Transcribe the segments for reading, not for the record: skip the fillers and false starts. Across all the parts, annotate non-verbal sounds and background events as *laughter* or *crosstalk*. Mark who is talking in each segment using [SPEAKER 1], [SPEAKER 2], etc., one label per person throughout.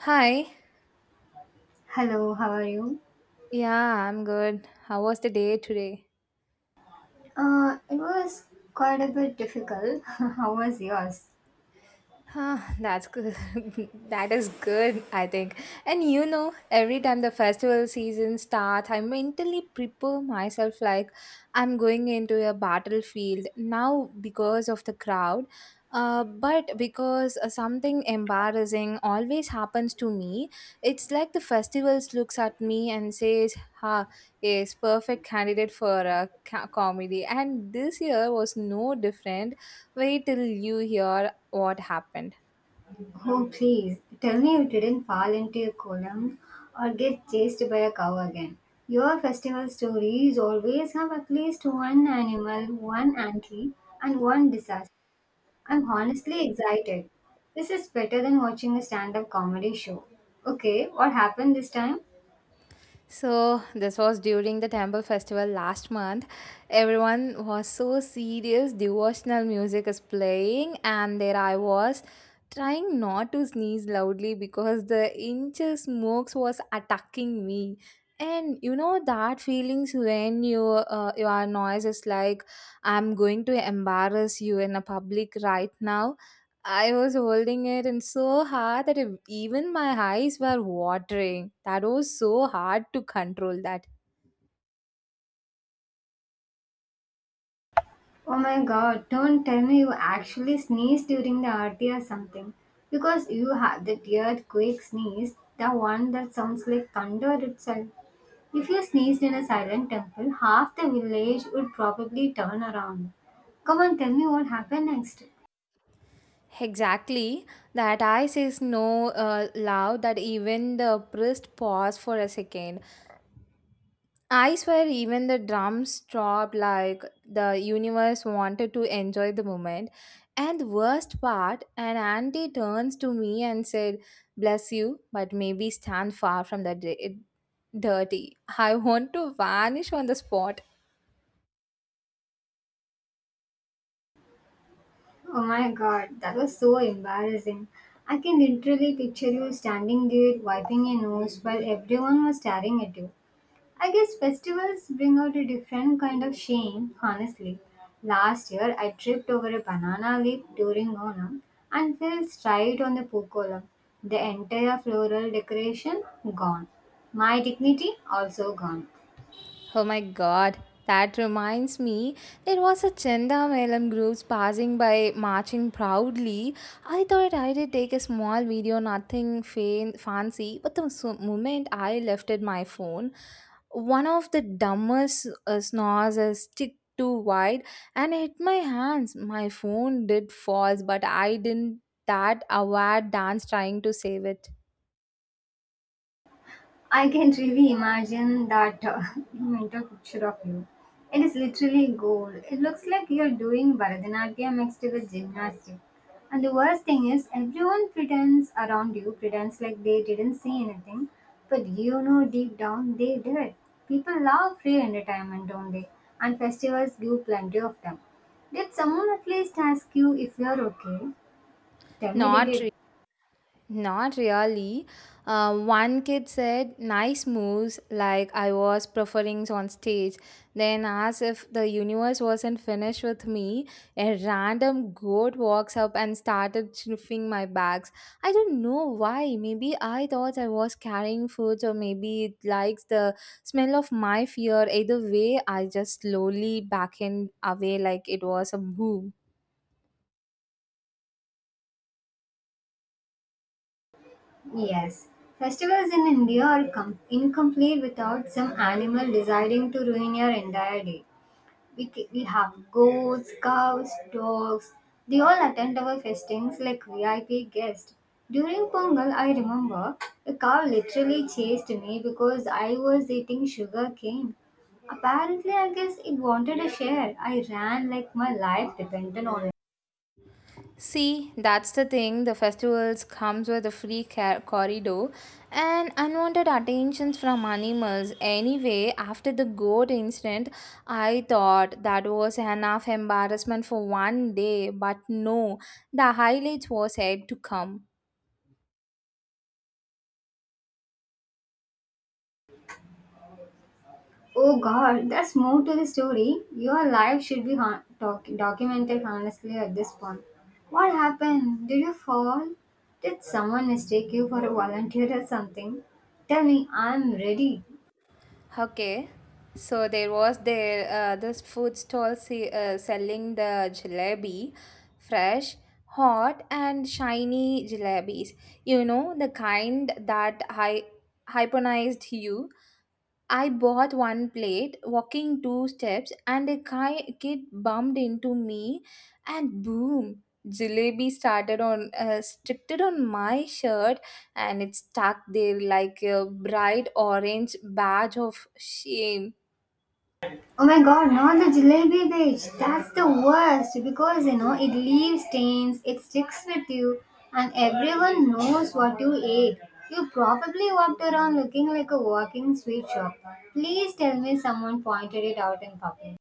[SPEAKER 1] Hi.
[SPEAKER 2] Hello, how are you?
[SPEAKER 1] Yeah, I'm good. How was the day today?
[SPEAKER 2] It was quite a bit difficult. *laughs* How was yours?
[SPEAKER 1] Huh, that's good. *laughs* That is good, I think. And every time the festival season starts, I mentally prepare myself like I'm going into a battlefield now because of the crowd, but because something embarrassing always happens to me. It's like the festivals looks at me and says, "Ha, is perfect candidate for a comedy." And this year was no different. Wait till you hear what happened.
[SPEAKER 2] Oh, please tell me you didn't fall into a column or get chased by a cow again. Your festival stories always have at least one animal, one auntie, and one disaster. I'm honestly excited. This is better than watching a stand up comedy show. Okay, what happened this time?
[SPEAKER 1] So, this was during the temple festival last month. Everyone was so serious, devotional music is playing, and there I was trying not to sneeze loudly because the inches smokes was attacking me. And you know that feelings when you your noise is like I'm going to embarrass you in a public right now. I was holding it and so hard that even my eyes were watering. That was so hard to control that.
[SPEAKER 2] Oh my god, don't tell me you actually sneezed during the aarti or something. Because you had that earthquake sneeze, the one that sounds like thunder itself. If you sneezed in a silent temple, half the village would probably turn around. Come on, tell me what happened next.
[SPEAKER 1] Exactly. That I says no loud that even the priest paused for a second. I swear, even the drums stopped like the universe wanted to enjoy the moment. And the worst part, an auntie turns to me and said, "Bless you, but maybe stand far from the dirty." I want to vanish on the spot.
[SPEAKER 2] Oh my god, that was so embarrassing. I can literally picture you standing there wiping your nose while everyone was staring at you. I guess festivals bring out a different kind of shame, honestly. Last year, I tripped over a banana leaf during Onam and fell straight on the poo column. The entire floral decoration gone. My dignity also gone.
[SPEAKER 1] Oh my god, that reminds me, there was a Chandamalam groups passing by marching proudly. I thought I did take a small video, nothing fancy, but the moment I lifted my phone, one of the dumbest snores a stick too wide and hit my hands. My phone did fall, but I didn't that aware dance trying to save it.
[SPEAKER 2] I can really imagine that *laughs* mental picture of you. It is literally gold. It looks like you're doing Bharatanatyam mixed with gymnastics. And the worst thing is, everyone pretends around you, pretends like they didn't see anything, but you know deep down they did. People love free entertainment, don't they? And festivals give plenty of them. Did someone at least ask you if you're okay? Tell me they
[SPEAKER 1] Not
[SPEAKER 2] did.
[SPEAKER 1] Not really. One kid said, "Nice moves," like I was preferring on stage. Then, as if the universe wasn't finished with me, a random goat walks up and started sniffing my bags. I don't know why. Maybe I thought I was carrying food, or maybe it likes the smell of my fear. Either way, I just slowly backed away like it was a boo.
[SPEAKER 2] Yes, festivals in India are incomplete without some animal deciding to ruin your entire day. We have goats, cows, dogs. They all attend our festings like VIP guests. During Pongal, I remember a cow literally chased me because I was eating sugar cane. Apparently, I guess it wanted a share. I ran like my life depended on it.
[SPEAKER 1] See, that's the thing. The festivals comes with a free corridor and unwanted attentions from animals. Anyway, after the goat incident, I thought that was enough embarrassment for one day, but no, the highlights was yet to come.
[SPEAKER 2] Oh God, that's more to the story. Your life should be documented honestly at this point. What happened? Did you fall? Did someone mistake you for a volunteer or something? Tell me, I'm ready.
[SPEAKER 1] Okay, so there was there this food stall selling the jalebi, fresh, hot, and shiny jalebis. You know the kind that I hyponized you. I bought one plate, walking two steps, and a kid bumped into me, and boom, jalebi started on stripped it on my shirt, and it stuck there like a bright orange badge of shame.
[SPEAKER 2] Oh my God, not the jalebi beach. That's the worst because you know it leaves stains, it sticks with you, and everyone knows what you ate. You probably walked around looking like a walking sweet shop. Please tell me someone pointed it out in public.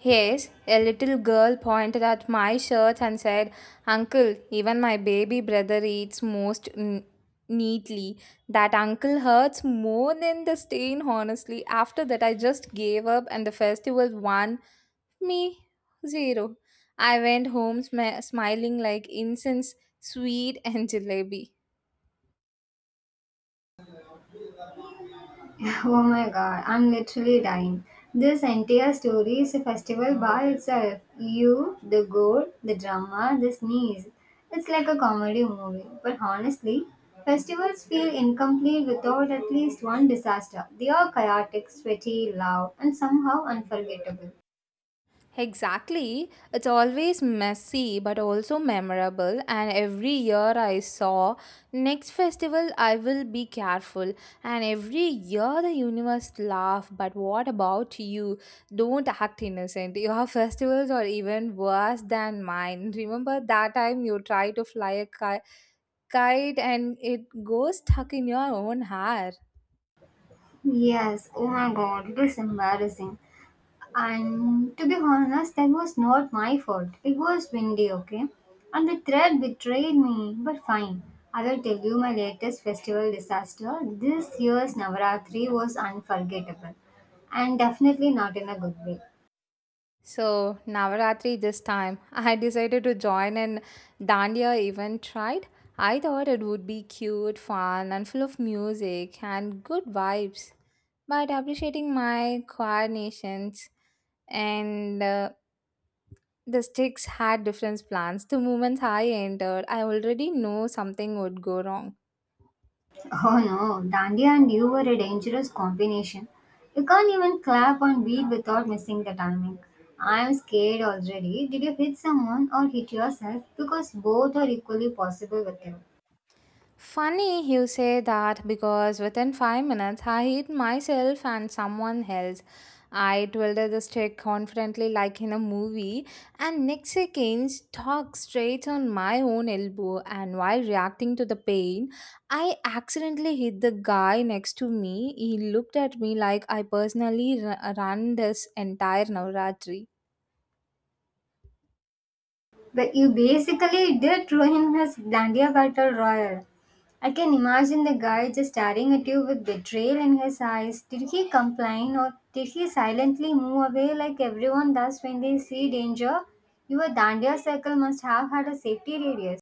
[SPEAKER 1] Yes, a little girl pointed at my shirt and said, "Uncle, even my baby brother eats most neatly." That uncle hurts more than the stain, honestly. After that, I just gave up and the festival won me zero. I went home smiling like incense, sweet, and jalebi.
[SPEAKER 2] *laughs* Oh my god, I'm literally dying. This entire story is a festival by itself. You, the goat, the drama, the sneeze. It's like a comedy movie. But honestly, festivals feel incomplete without at least one disaster. They are chaotic, sweaty, loud, and somehow unforgettable.
[SPEAKER 1] Exactly. It's always messy but also memorable. And every year I saw, next festival I will be careful. And every year the universe laugh. But what about you? Don't act innocent. Your *laughs* festivals are even worse than mine. *laughs* Remember that time you tried to fly a kite and it goes stuck in your own hair.
[SPEAKER 2] Yes, oh my god, it is embarrassing. And to be honest, that was not my fault. It was windy, okay? And the thread betrayed me. But fine, I will tell you my latest festival disaster. This year's Navaratri was unforgettable. And definitely not in a good way.
[SPEAKER 1] So, Navaratri this time, *laughs* I decided to join an Dandiya event, right? I thought it would be cute, fun, and full of music and good vibes. But appreciating my coordinations and the sticks had different plans. The moment I entered, I already know something would go wrong.
[SPEAKER 2] Oh no, Dandiya and you were a dangerous combination. You can't even clap on beat without missing the timing. I am scared already. Did you hit someone or hit yourself? Because both are equally possible with you.
[SPEAKER 1] Funny you say that because within 5 minutes I hit myself and someone else. I twirled the stick confidently like in a movie, and next second stuck straight on my own elbow. And while reacting to the pain, I accidentally hit the guy next to me. He looked at me like I personally ran this entire Navratri.
[SPEAKER 2] But you basically did ruin his Glandia Battle Royal. I can imagine the guy just staring at you with betrayal in his eyes. Did he complain or did he silently move away like everyone does when they see danger? Your Dandia circle must have had a safety radius.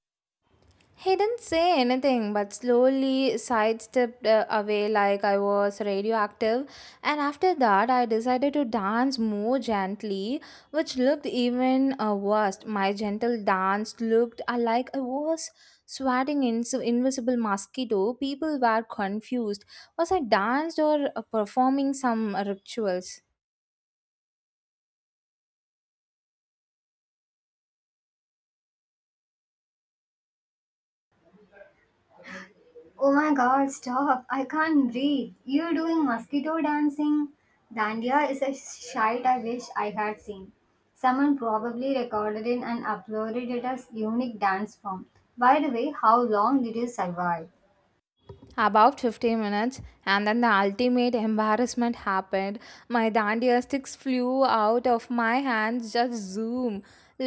[SPEAKER 1] He didn't say anything but slowly sidestepped away like I was radioactive, and after that, I decided to dance more gently, which looked even worse. My gentle dance looked like I was swatting in some invisible mosquito. People were confused. Was I danced or performing some rituals?
[SPEAKER 2] Oh my god, stop. I can't breathe. You're doing mosquito dancing? Dandia is a sight I wish I had seen. Someone probably recorded it and uploaded it as unique dance form. By the way, how long did you survive?
[SPEAKER 1] About 15 minutes, and then the ultimate embarrassment happened. My dandia sticks flew out of my hands, just zoom,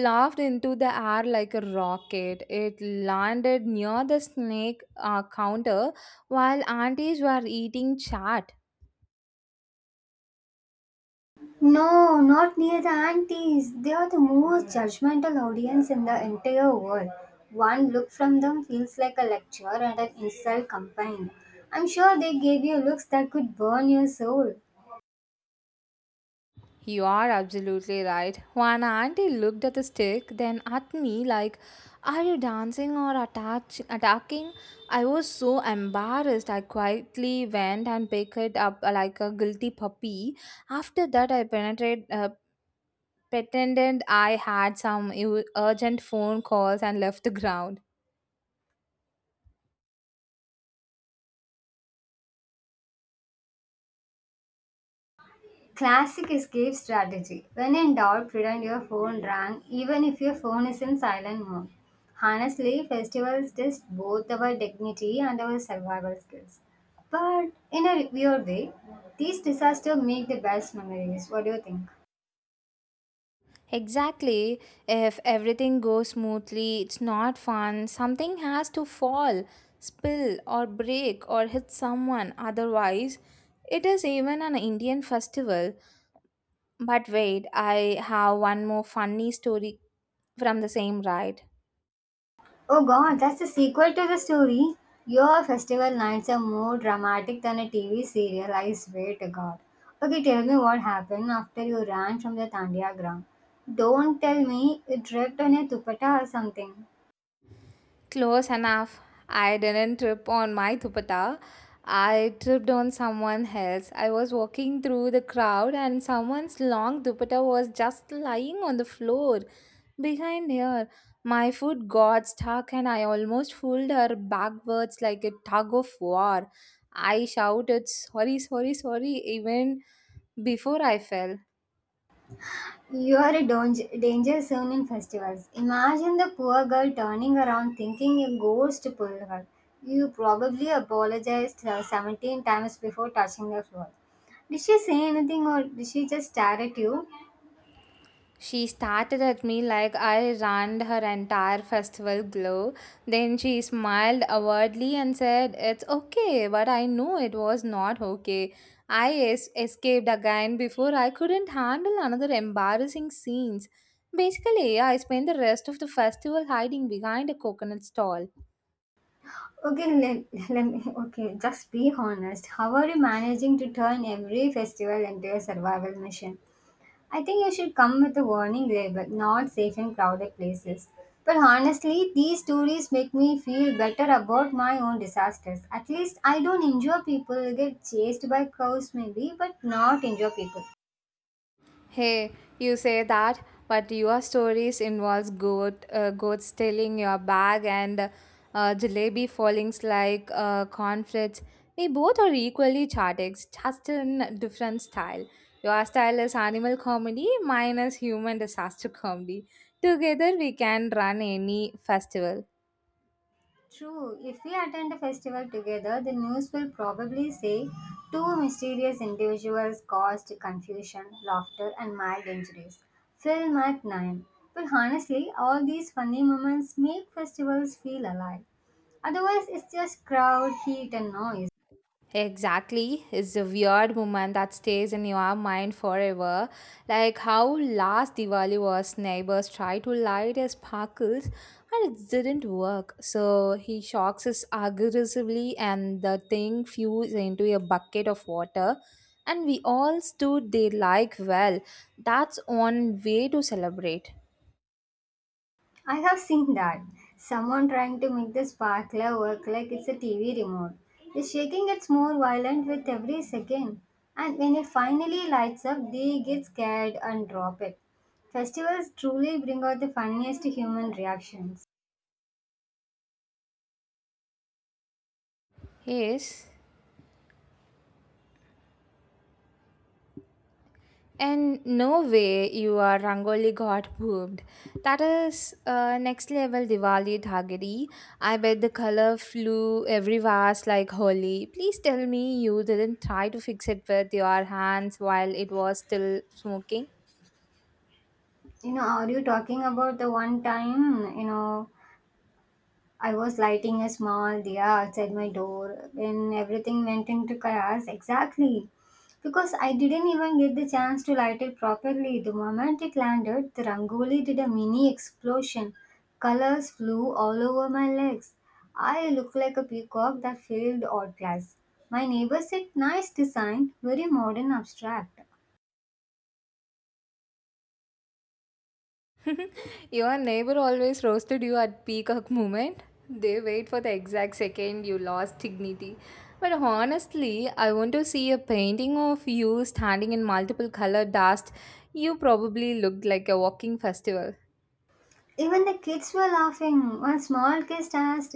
[SPEAKER 1] laughed into the air like a rocket. It landed near the snake counter while aunties were eating chat.
[SPEAKER 2] No, not near the aunties. They are the most judgmental audience in the entire world. One look from them feels like a lecture and an insult combined. I'm sure they gave you looks that could burn your soul.
[SPEAKER 1] You are absolutely right. One auntie looked at the stick, then at me, like, "Are you dancing or attacking?" I was so embarrassed. I quietly went and picked it up like a guilty puppy. After that, I pretended I had some urgent phone calls and left the ground.
[SPEAKER 2] Classic escape strategy. When in doubt, pretend your phone rang, even if your phone is in silent mode. Honestly, festivals test both our dignity and our survival skills. But in a weird way, these disasters make the best memories. What do you think?
[SPEAKER 1] Exactly. If everything goes smoothly, it's not fun. Something has to fall, spill, or break, or hit someone. Otherwise, it is even an Indian festival. But wait, I have one more funny story from the same ride.
[SPEAKER 2] Oh god, that's the sequel to the story. Your festival nights are more dramatic than a TV serial, I swear to god. Okay, tell me what happened after you ran from the Tandia ground. Don't tell me you tripped on a dupatta or something.
[SPEAKER 1] Close enough. I didn't trip on my dupatta. I tripped on someone else. I was walking through the crowd and someone's long dupatta was just lying on the floor behind her. My foot got stuck and I almost pulled her backwards like a tug of war. I shouted, "Sorry, sorry, sorry," even before I fell.
[SPEAKER 2] You are a danger zone in festivals. Imagine the poor girl turning around thinking a ghost pulled her. You probably apologized 17 times before touching the floor. Did she say anything or did she just stare at you?
[SPEAKER 1] She started at me like I ran her entire festival glow. Then she smiled awkwardly and said, "It's okay," but I know it was not okay. I escaped again before I couldn't handle another embarrassing scenes. Basically, I spent the rest of the festival hiding behind a coconut stall.
[SPEAKER 2] Okay, let me just be honest. How are you managing to turn every festival into a survival mission? I think you should come with a warning label, not safe in crowded places. But honestly, these stories make me feel better about my own disasters. At least I don't injure people, get chased by cows maybe, but not injure people.
[SPEAKER 1] Hey, you say that, but your stories involves goats stealing your bag and jalebi fallings like cornflakes. We both are equally chaotic, just in different style. Your style is animal comedy, mine is human disaster comedy. Together we can run any festival.
[SPEAKER 2] True, if we attend a festival together, the news will probably say two mysterious individuals caused confusion, laughter, and mild injuries. Film at 9. But honestly, all these funny moments make festivals feel alive. Otherwise, it's just crowd, heat, and noise.
[SPEAKER 1] Exactly. It's a weird moment that stays in your mind forever. Like how last Diwali was neighbors tried to light his sparkles and it didn't work. So he shocks us aggressively and the thing fused into a bucket of water. And we all stood there like, well, that's one way to celebrate.
[SPEAKER 2] I have seen that. Someone trying to make the sparkler work like it's a TV remote. The shaking gets more violent with every second, and when it finally lights up, they get scared and drop it. Festivals truly bring out the funniest human reactions.
[SPEAKER 1] Yes. And no way your Rangoli got pooped. That is next level Diwali dhagiri. I bet the color flew every vase like holy. Please tell me you didn't try to fix it with your hands while it was still smoking.
[SPEAKER 2] You know, are you talking about the one time, I was lighting a small dia outside my door when everything went into chaos. Exactly. Because I didn't even get the chance to light it properly. The moment it landed, the rangoli did a mini explosion. Colors flew all over my legs. I looked like a peacock that failed art class. My neighbor said, "Nice design, very modern abstract."
[SPEAKER 1] *laughs* Your neighbor always roasted you at peacock moment. They wait for the exact second you lost dignity. But honestly, I want to see a painting of you standing in multiple color dust. You probably looked like a walking festival.
[SPEAKER 2] Even the kids were laughing. One small kid asked,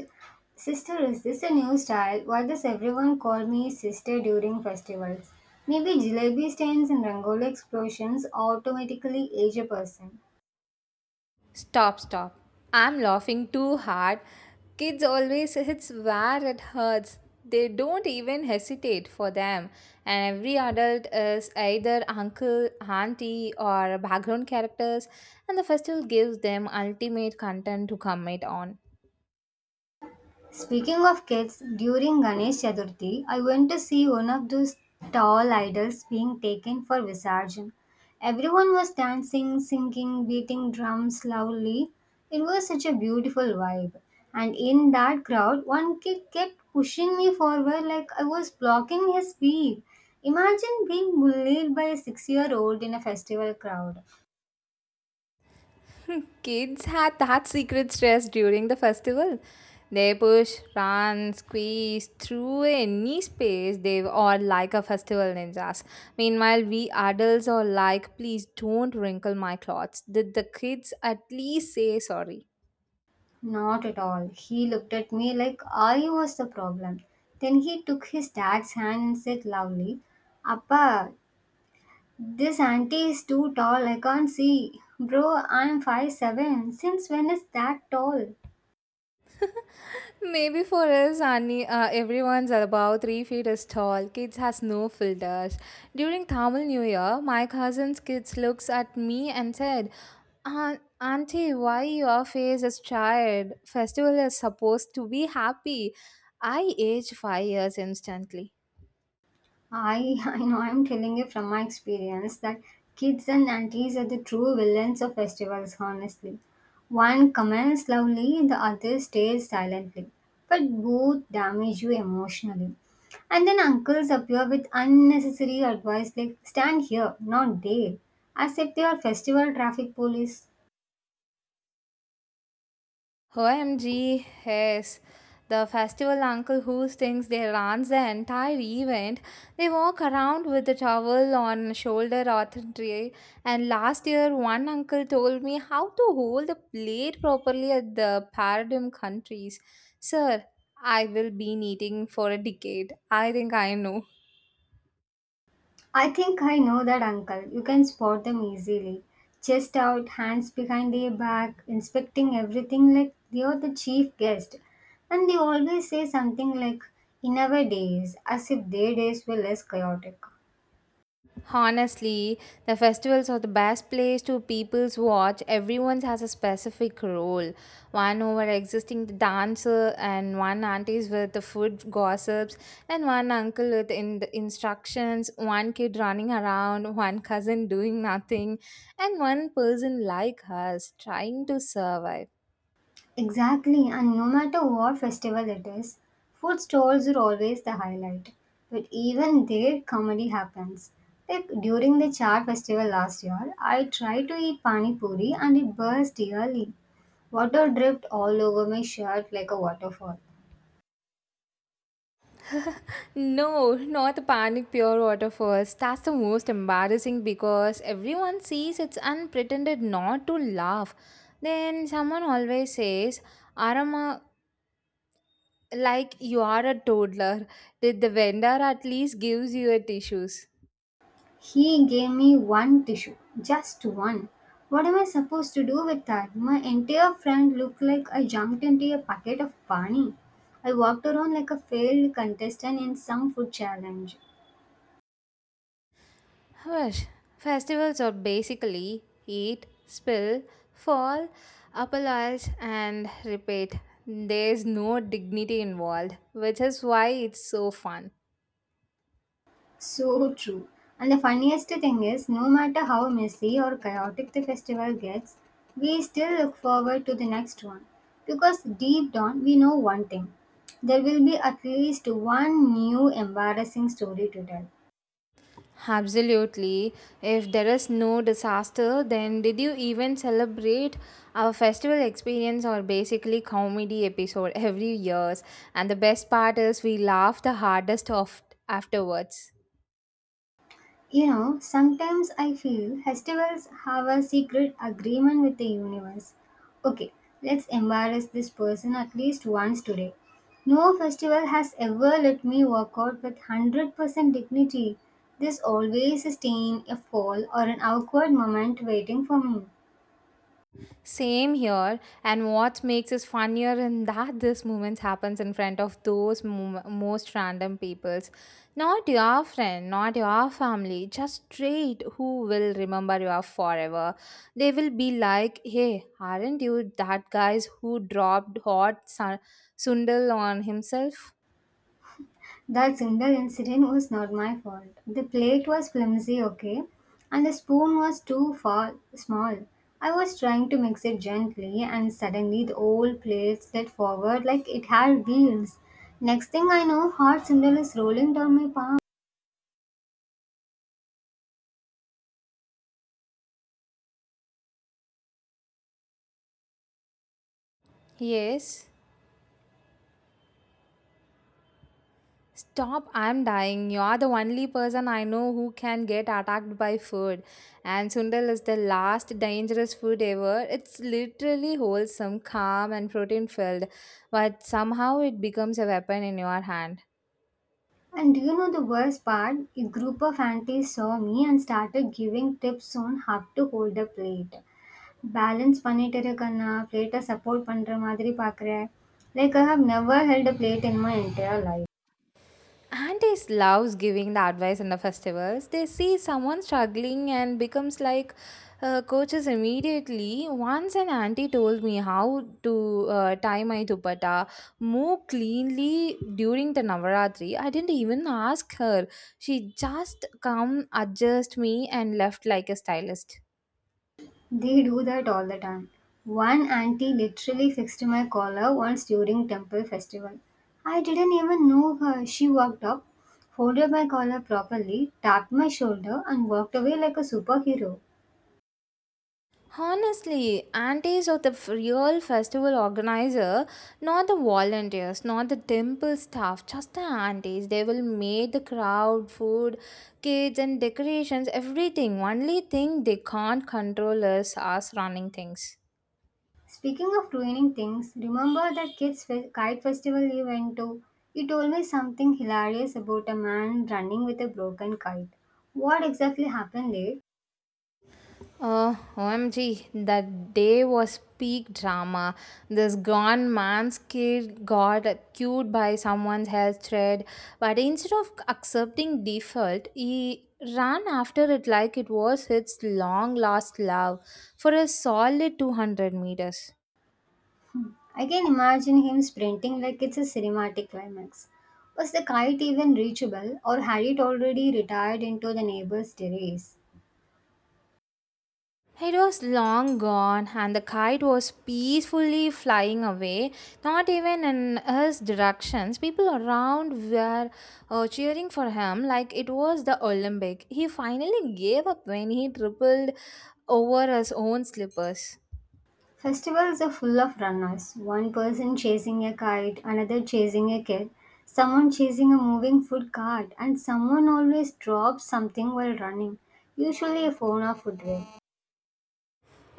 [SPEAKER 2] "Sister, is this a new style?" Why does everyone call me sister during festivals? Maybe jalebi stains and rangoli explosions automatically age a person.
[SPEAKER 1] Stop, stop. I'm laughing too hard. Kids always hits where it hurts. They don't even hesitate for them. And every adult is either uncle, auntie, or background characters, and the festival gives them ultimate content to comment on.
[SPEAKER 2] Speaking of kids, during Ganesh Chaturthi, I went to see one of those tall idols being taken for Visarjan. Everyone was dancing, singing, beating drums loudly. It was such a beautiful vibe. And in that crowd, one kid kept pushing me forward like I was blocking his speed. Imagine being bullied by a 6 year old in a festival crowd.
[SPEAKER 1] *laughs* Kids had that secret stress during the festival. They push, run, squeeze through any space. They are like a festival ninjas. Meanwhile, we adults are like, please don't wrinkle my clothes. Did the kids at least say sorry?
[SPEAKER 2] Not at all. He looked at me like I was the problem. Then he took his dad's hand and said loudly, "Appa, this auntie is too tall. I can't see." Bro, I'm 5'7". Since when is that tall?
[SPEAKER 1] Maybe for us, Annie. Everyone's about 3 feet is tall. Kids has no filters. During Tamil New Year, my cousin's kids looks at me and said, Auntie, why your face is tired? Festival is supposed to be happy." I aged 5 years instantly.
[SPEAKER 2] *laughs* I know I'm telling you from my experience that kids and aunties are the true villains of festivals, honestly. One comments loudly, the other stays silently, but both damage you emotionally. And then uncles appear with unnecessary advice like stand here, not there, as if they are festival traffic police.
[SPEAKER 1] OMG, yes. The festival uncle who thinks they runs the entire event. They walk around with a towel on shoulder or tray. And last year, one uncle told me how to hold a plate properly at the paradigm countries. Sir, I will be eating for a decade. I think I know.
[SPEAKER 2] I think I know that uncle. You can spot them easily. Chest out, hands behind their back, inspecting everything like they are the chief guest. And they always say something like, "in our days," as if their days were less chaotic.
[SPEAKER 1] Honestly, the festivals are the best place to people's watch. Everyone has a specific role. One over existing the dancer, and one aunties with the food gossips, and one uncle with in the instructions, one kid running around, one cousin doing nothing, and one person like us trying to survive.
[SPEAKER 2] Exactly, and no matter what festival it is, food stalls are always the highlight. But even there, comedy happens. Like during the Char festival last year, I tried to eat pani puri and it burst early. Water dripped all over my shirt like a waterfall.
[SPEAKER 1] No, not panic pure water first. That's the most embarrassing because everyone sees it's unpretended not to laugh. Then someone always says, "Arama," like you are a toddler. Did the vendor at least gives you a tissues?
[SPEAKER 2] He gave me one tissue, just one. What am I supposed to do with that? My entire front looked like I jumped into a packet of pani. I walked around like a failed contestant in some food challenge.
[SPEAKER 1] Hush. Festivals are basically eat, spill, fall, apologize, and repeat. There's no dignity involved, which is why it's so fun.
[SPEAKER 2] So true. And the funniest thing is, no matter how messy or chaotic the festival gets, we still look forward to the next one. Because deep down, we know one thing: there will be at least one new embarrassing story to tell.
[SPEAKER 1] Absolutely. If there is no disaster, then did you even celebrate? Our festival experience or basically comedy episode every years, and the best part is we laugh the hardest of afterwards.
[SPEAKER 2] You know, sometimes I feel festivals have a secret agreement with the universe. Okay, let's embarrass this person at least once today. No festival has ever let me work out with 100% dignity. There's always a stain, a fall, or an awkward moment waiting for me.
[SPEAKER 1] Same here, and what makes it funnier in that this moment happens in front of those most random peoples. Not your friend, not your family, just straight who will remember you forever. They will be like, "Hey, aren't you that guys who dropped hot sundal on himself?"
[SPEAKER 2] That single incident was not my fault. The plate was flimsy, okay, and the spoon was too far small. I was trying to mix it gently, and suddenly the old plate slid forward like it had wheels. Next thing I know, hot single is rolling down my palm.
[SPEAKER 1] Yes. Stop, I'm dying. You are the only person I know who can get attacked by food. And Sundal is the last dangerous food ever. It's literally wholesome, calm, and protein filled. But somehow it becomes a weapon in your hand.
[SPEAKER 2] And do you know the worst part? A group of aunties saw me and started giving tips on how to hold the plate. Balance பண்ணிட்டு இருக்கேன்னா, பிளேட்ட support பண்ற மாதிரி பாக்குறேன். Like I have never held a plate in my entire life.
[SPEAKER 1] Aunties loves giving the advice in the festivals. They see someone struggling and becomes like coaches immediately. Once an auntie told me how to tie my dupatta more cleanly during the Navaratri. I didn't even ask her. She just come adjust me and left like a stylist.
[SPEAKER 2] They do that all the time. One auntie literally fixed my collar once during temple festival. I didn't even know her. She walked up, folded my collar properly, tapped my shoulder, and walked away like a superhero.
[SPEAKER 1] Honestly, aunties are the real festival organizer, not the volunteers, not the temple staff, just the aunties. They will make the crowd, food, kids and decorations, everything. Only thing they can't control is us running things.
[SPEAKER 2] Speaking of ruining things, remember that kite festival you went to? You told me something hilarious about a man running with a broken kite. What exactly happened there?
[SPEAKER 1] OMG, that day was peak drama. This gone man's kid got cued by someone's health thread, but instead of accepting default, he ran after it like it was his long lost love for a solid 200 meters.
[SPEAKER 2] I can imagine him sprinting like it's a cinematic climax. Was the kite even reachable, or had it already retired into the neighbor's terrace?
[SPEAKER 1] It was long gone, and the kite was peacefully flying away, not even in his directions. People around were cheering for him like it was the Olympic. He finally gave up when he tripled over his own slippers.
[SPEAKER 2] Festivals are full of runners, one person chasing a kite, another chasing a kid, someone chasing a moving food cart, and someone always drops something while running, usually a phone or footwear.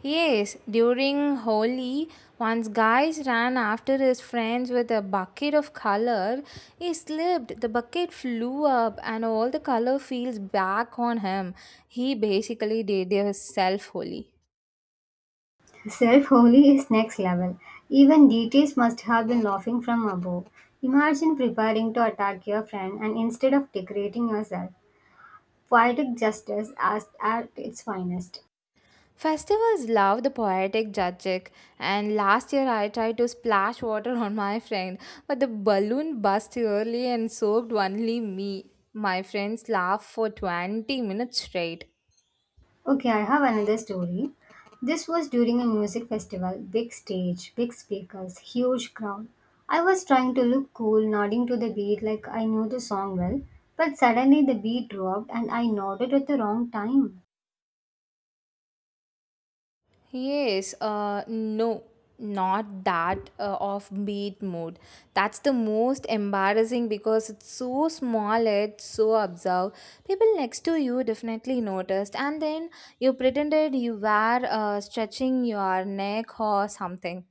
[SPEAKER 1] Yes, during Holi, once guys ran after his friends with a bucket of color. He slipped, the bucket flew up, and all the color feels back on him. He basically did himself Holi.
[SPEAKER 2] Self holy is next level. Even DTs must have been laughing from above. Imagine preparing to attack your friend and instead of decorating yourself, poetic justice as at its finest.
[SPEAKER 1] Festivals love the poetic judging, and last year I tried to splash water on my friend, but the balloon burst early and soaked only me. My friends laughed for 20 minutes straight.
[SPEAKER 2] Okay, I have another story. This was during a music festival. Big stage, big speakers, huge crowd. I was trying to look cool, nodding to the beat like I knew the song well, but suddenly the beat dropped and I nodded at the wrong time.
[SPEAKER 1] Yes, no, not that offbeat mood. That's the most embarrassing because it's so small, it's so observed. People next to you definitely noticed, and then you pretended you were stretching your neck or something.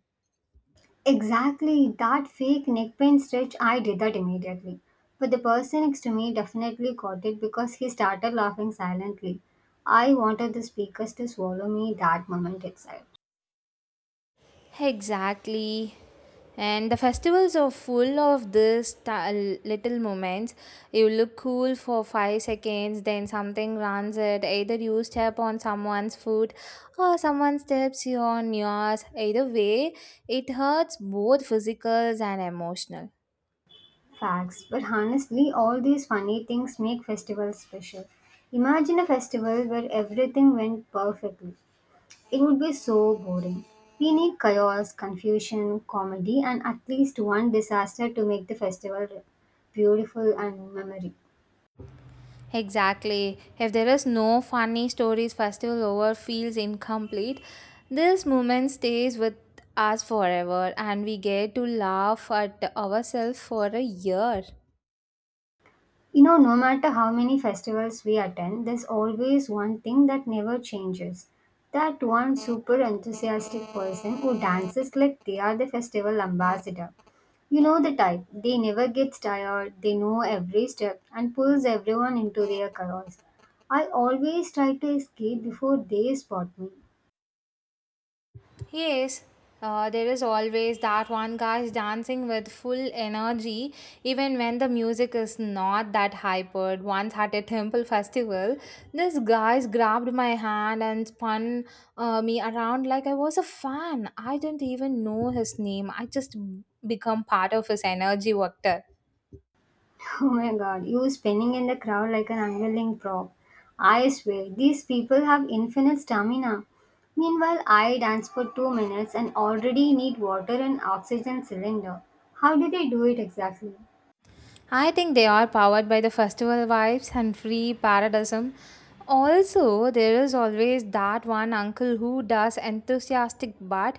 [SPEAKER 2] Exactly, that fake neck pain stretch, I did that immediately. But the person next to me definitely caught it because he started laughing silently. I wanted the speakers to swallow me that moment itself.
[SPEAKER 1] Exactly. And the festivals are full of this little moments. You look cool for 5 seconds, then something runs it. Either you step on someone's foot or someone steps you on yours. Either way, it hurts both physicals and emotional.
[SPEAKER 2] Facts, but honestly, all these funny things make festivals special. Imagine a festival where everything went perfectly. It would be so boring. We need chaos, confusion, comedy, and at least one disaster to make the festival beautiful and memory.
[SPEAKER 1] Exactly. If there is no funny stories, festival over feels incomplete. This moment stays with us forever, and we get to laugh at ourselves for a year.
[SPEAKER 2] You know, no matter how many festivals we attend, there's always one thing that never changes. That one super enthusiastic person who dances like they are the festival ambassador. You know the type. They never gets tired, they know every step and pulls everyone into their chaos. I always try to escape before they spot me.
[SPEAKER 1] Yes, there is always that one guy dancing with full energy, even when the music is not that hypered. Once at a temple festival, this guy grabbed my hand and spun me around like I was a fan. I didn't even know his name. I just become part of his energy vector.
[SPEAKER 2] *laughs* Oh my god, you spinning in the crowd like an unwilling prop. I swear, these people have infinite stamina. Meanwhile, I dance for 2 minutes and already need water and oxygen cylinder. How do they do it exactly?
[SPEAKER 1] I think they are powered by the festival vibes and free paradism. Also, there is always that one uncle who does enthusiastic but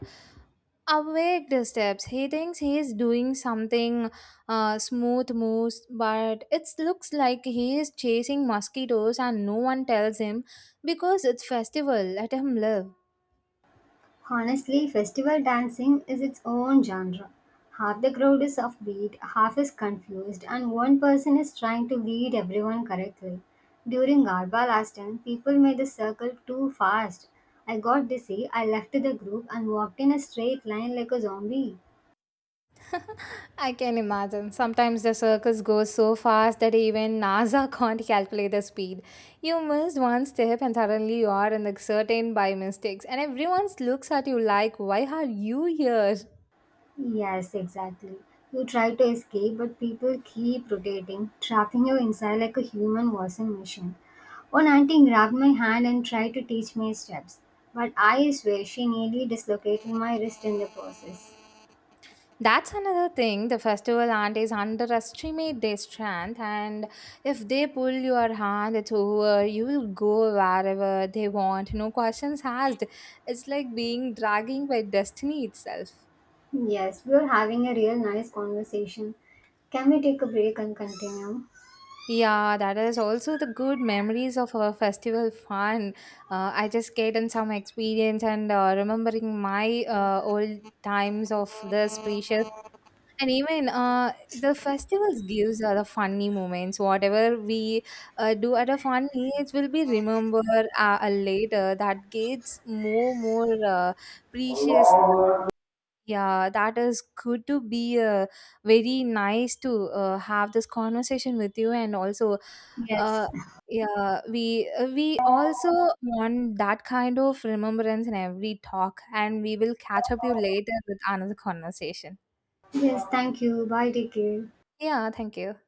[SPEAKER 1] awake steps. He thinks he is doing something smooth moves, but it looks like he is chasing mosquitoes and no one tells him because it's festival. Let him live.
[SPEAKER 2] Honestly, festival dancing is its own genre. Half the crowd is offbeat, half is confused, and one person is trying to lead everyone correctly. During Garba last time, people made the circle too fast. I got dizzy, I left the group and walked in a straight line like a zombie.
[SPEAKER 1] *laughs* I can imagine. Sometimes the circus goes so fast that even NASA *laughs* can't calculate the speed. You missed one step and suddenly you are in the certain by mistakes, and everyone looks at you like, "Why are you here?"
[SPEAKER 2] Yes, exactly. You try to escape, but people keep rotating, trapping you inside like a human washing machine. One auntie grabbed my hand and tried to teach me steps, but I swear she nearly dislocated my wrist in the process.
[SPEAKER 1] That's another thing. The festival aunties underestimate their strength, and if they pull your hand, it's over. You will go wherever they want. No questions asked. It's like being dragging by destiny itself.
[SPEAKER 2] Yes, we are having a real nice conversation. Can we take a break and continue?
[SPEAKER 1] Yeah, that is also the good memories of our festival fun. I just get in some experience and remembering my old times of this precious. And even the festivals gives are the funny moments. Whatever we do at a fun age will be remembered later. That gets more precious, yeah, that is good to be very nice to have this conversation with you, and also,
[SPEAKER 2] Yes.
[SPEAKER 1] uh, yeah, we also want that kind of remembrance in every talk, and we will catch up you later with another conversation.
[SPEAKER 2] Yes, thank you. Bye, take care.
[SPEAKER 1] Yeah, thank you.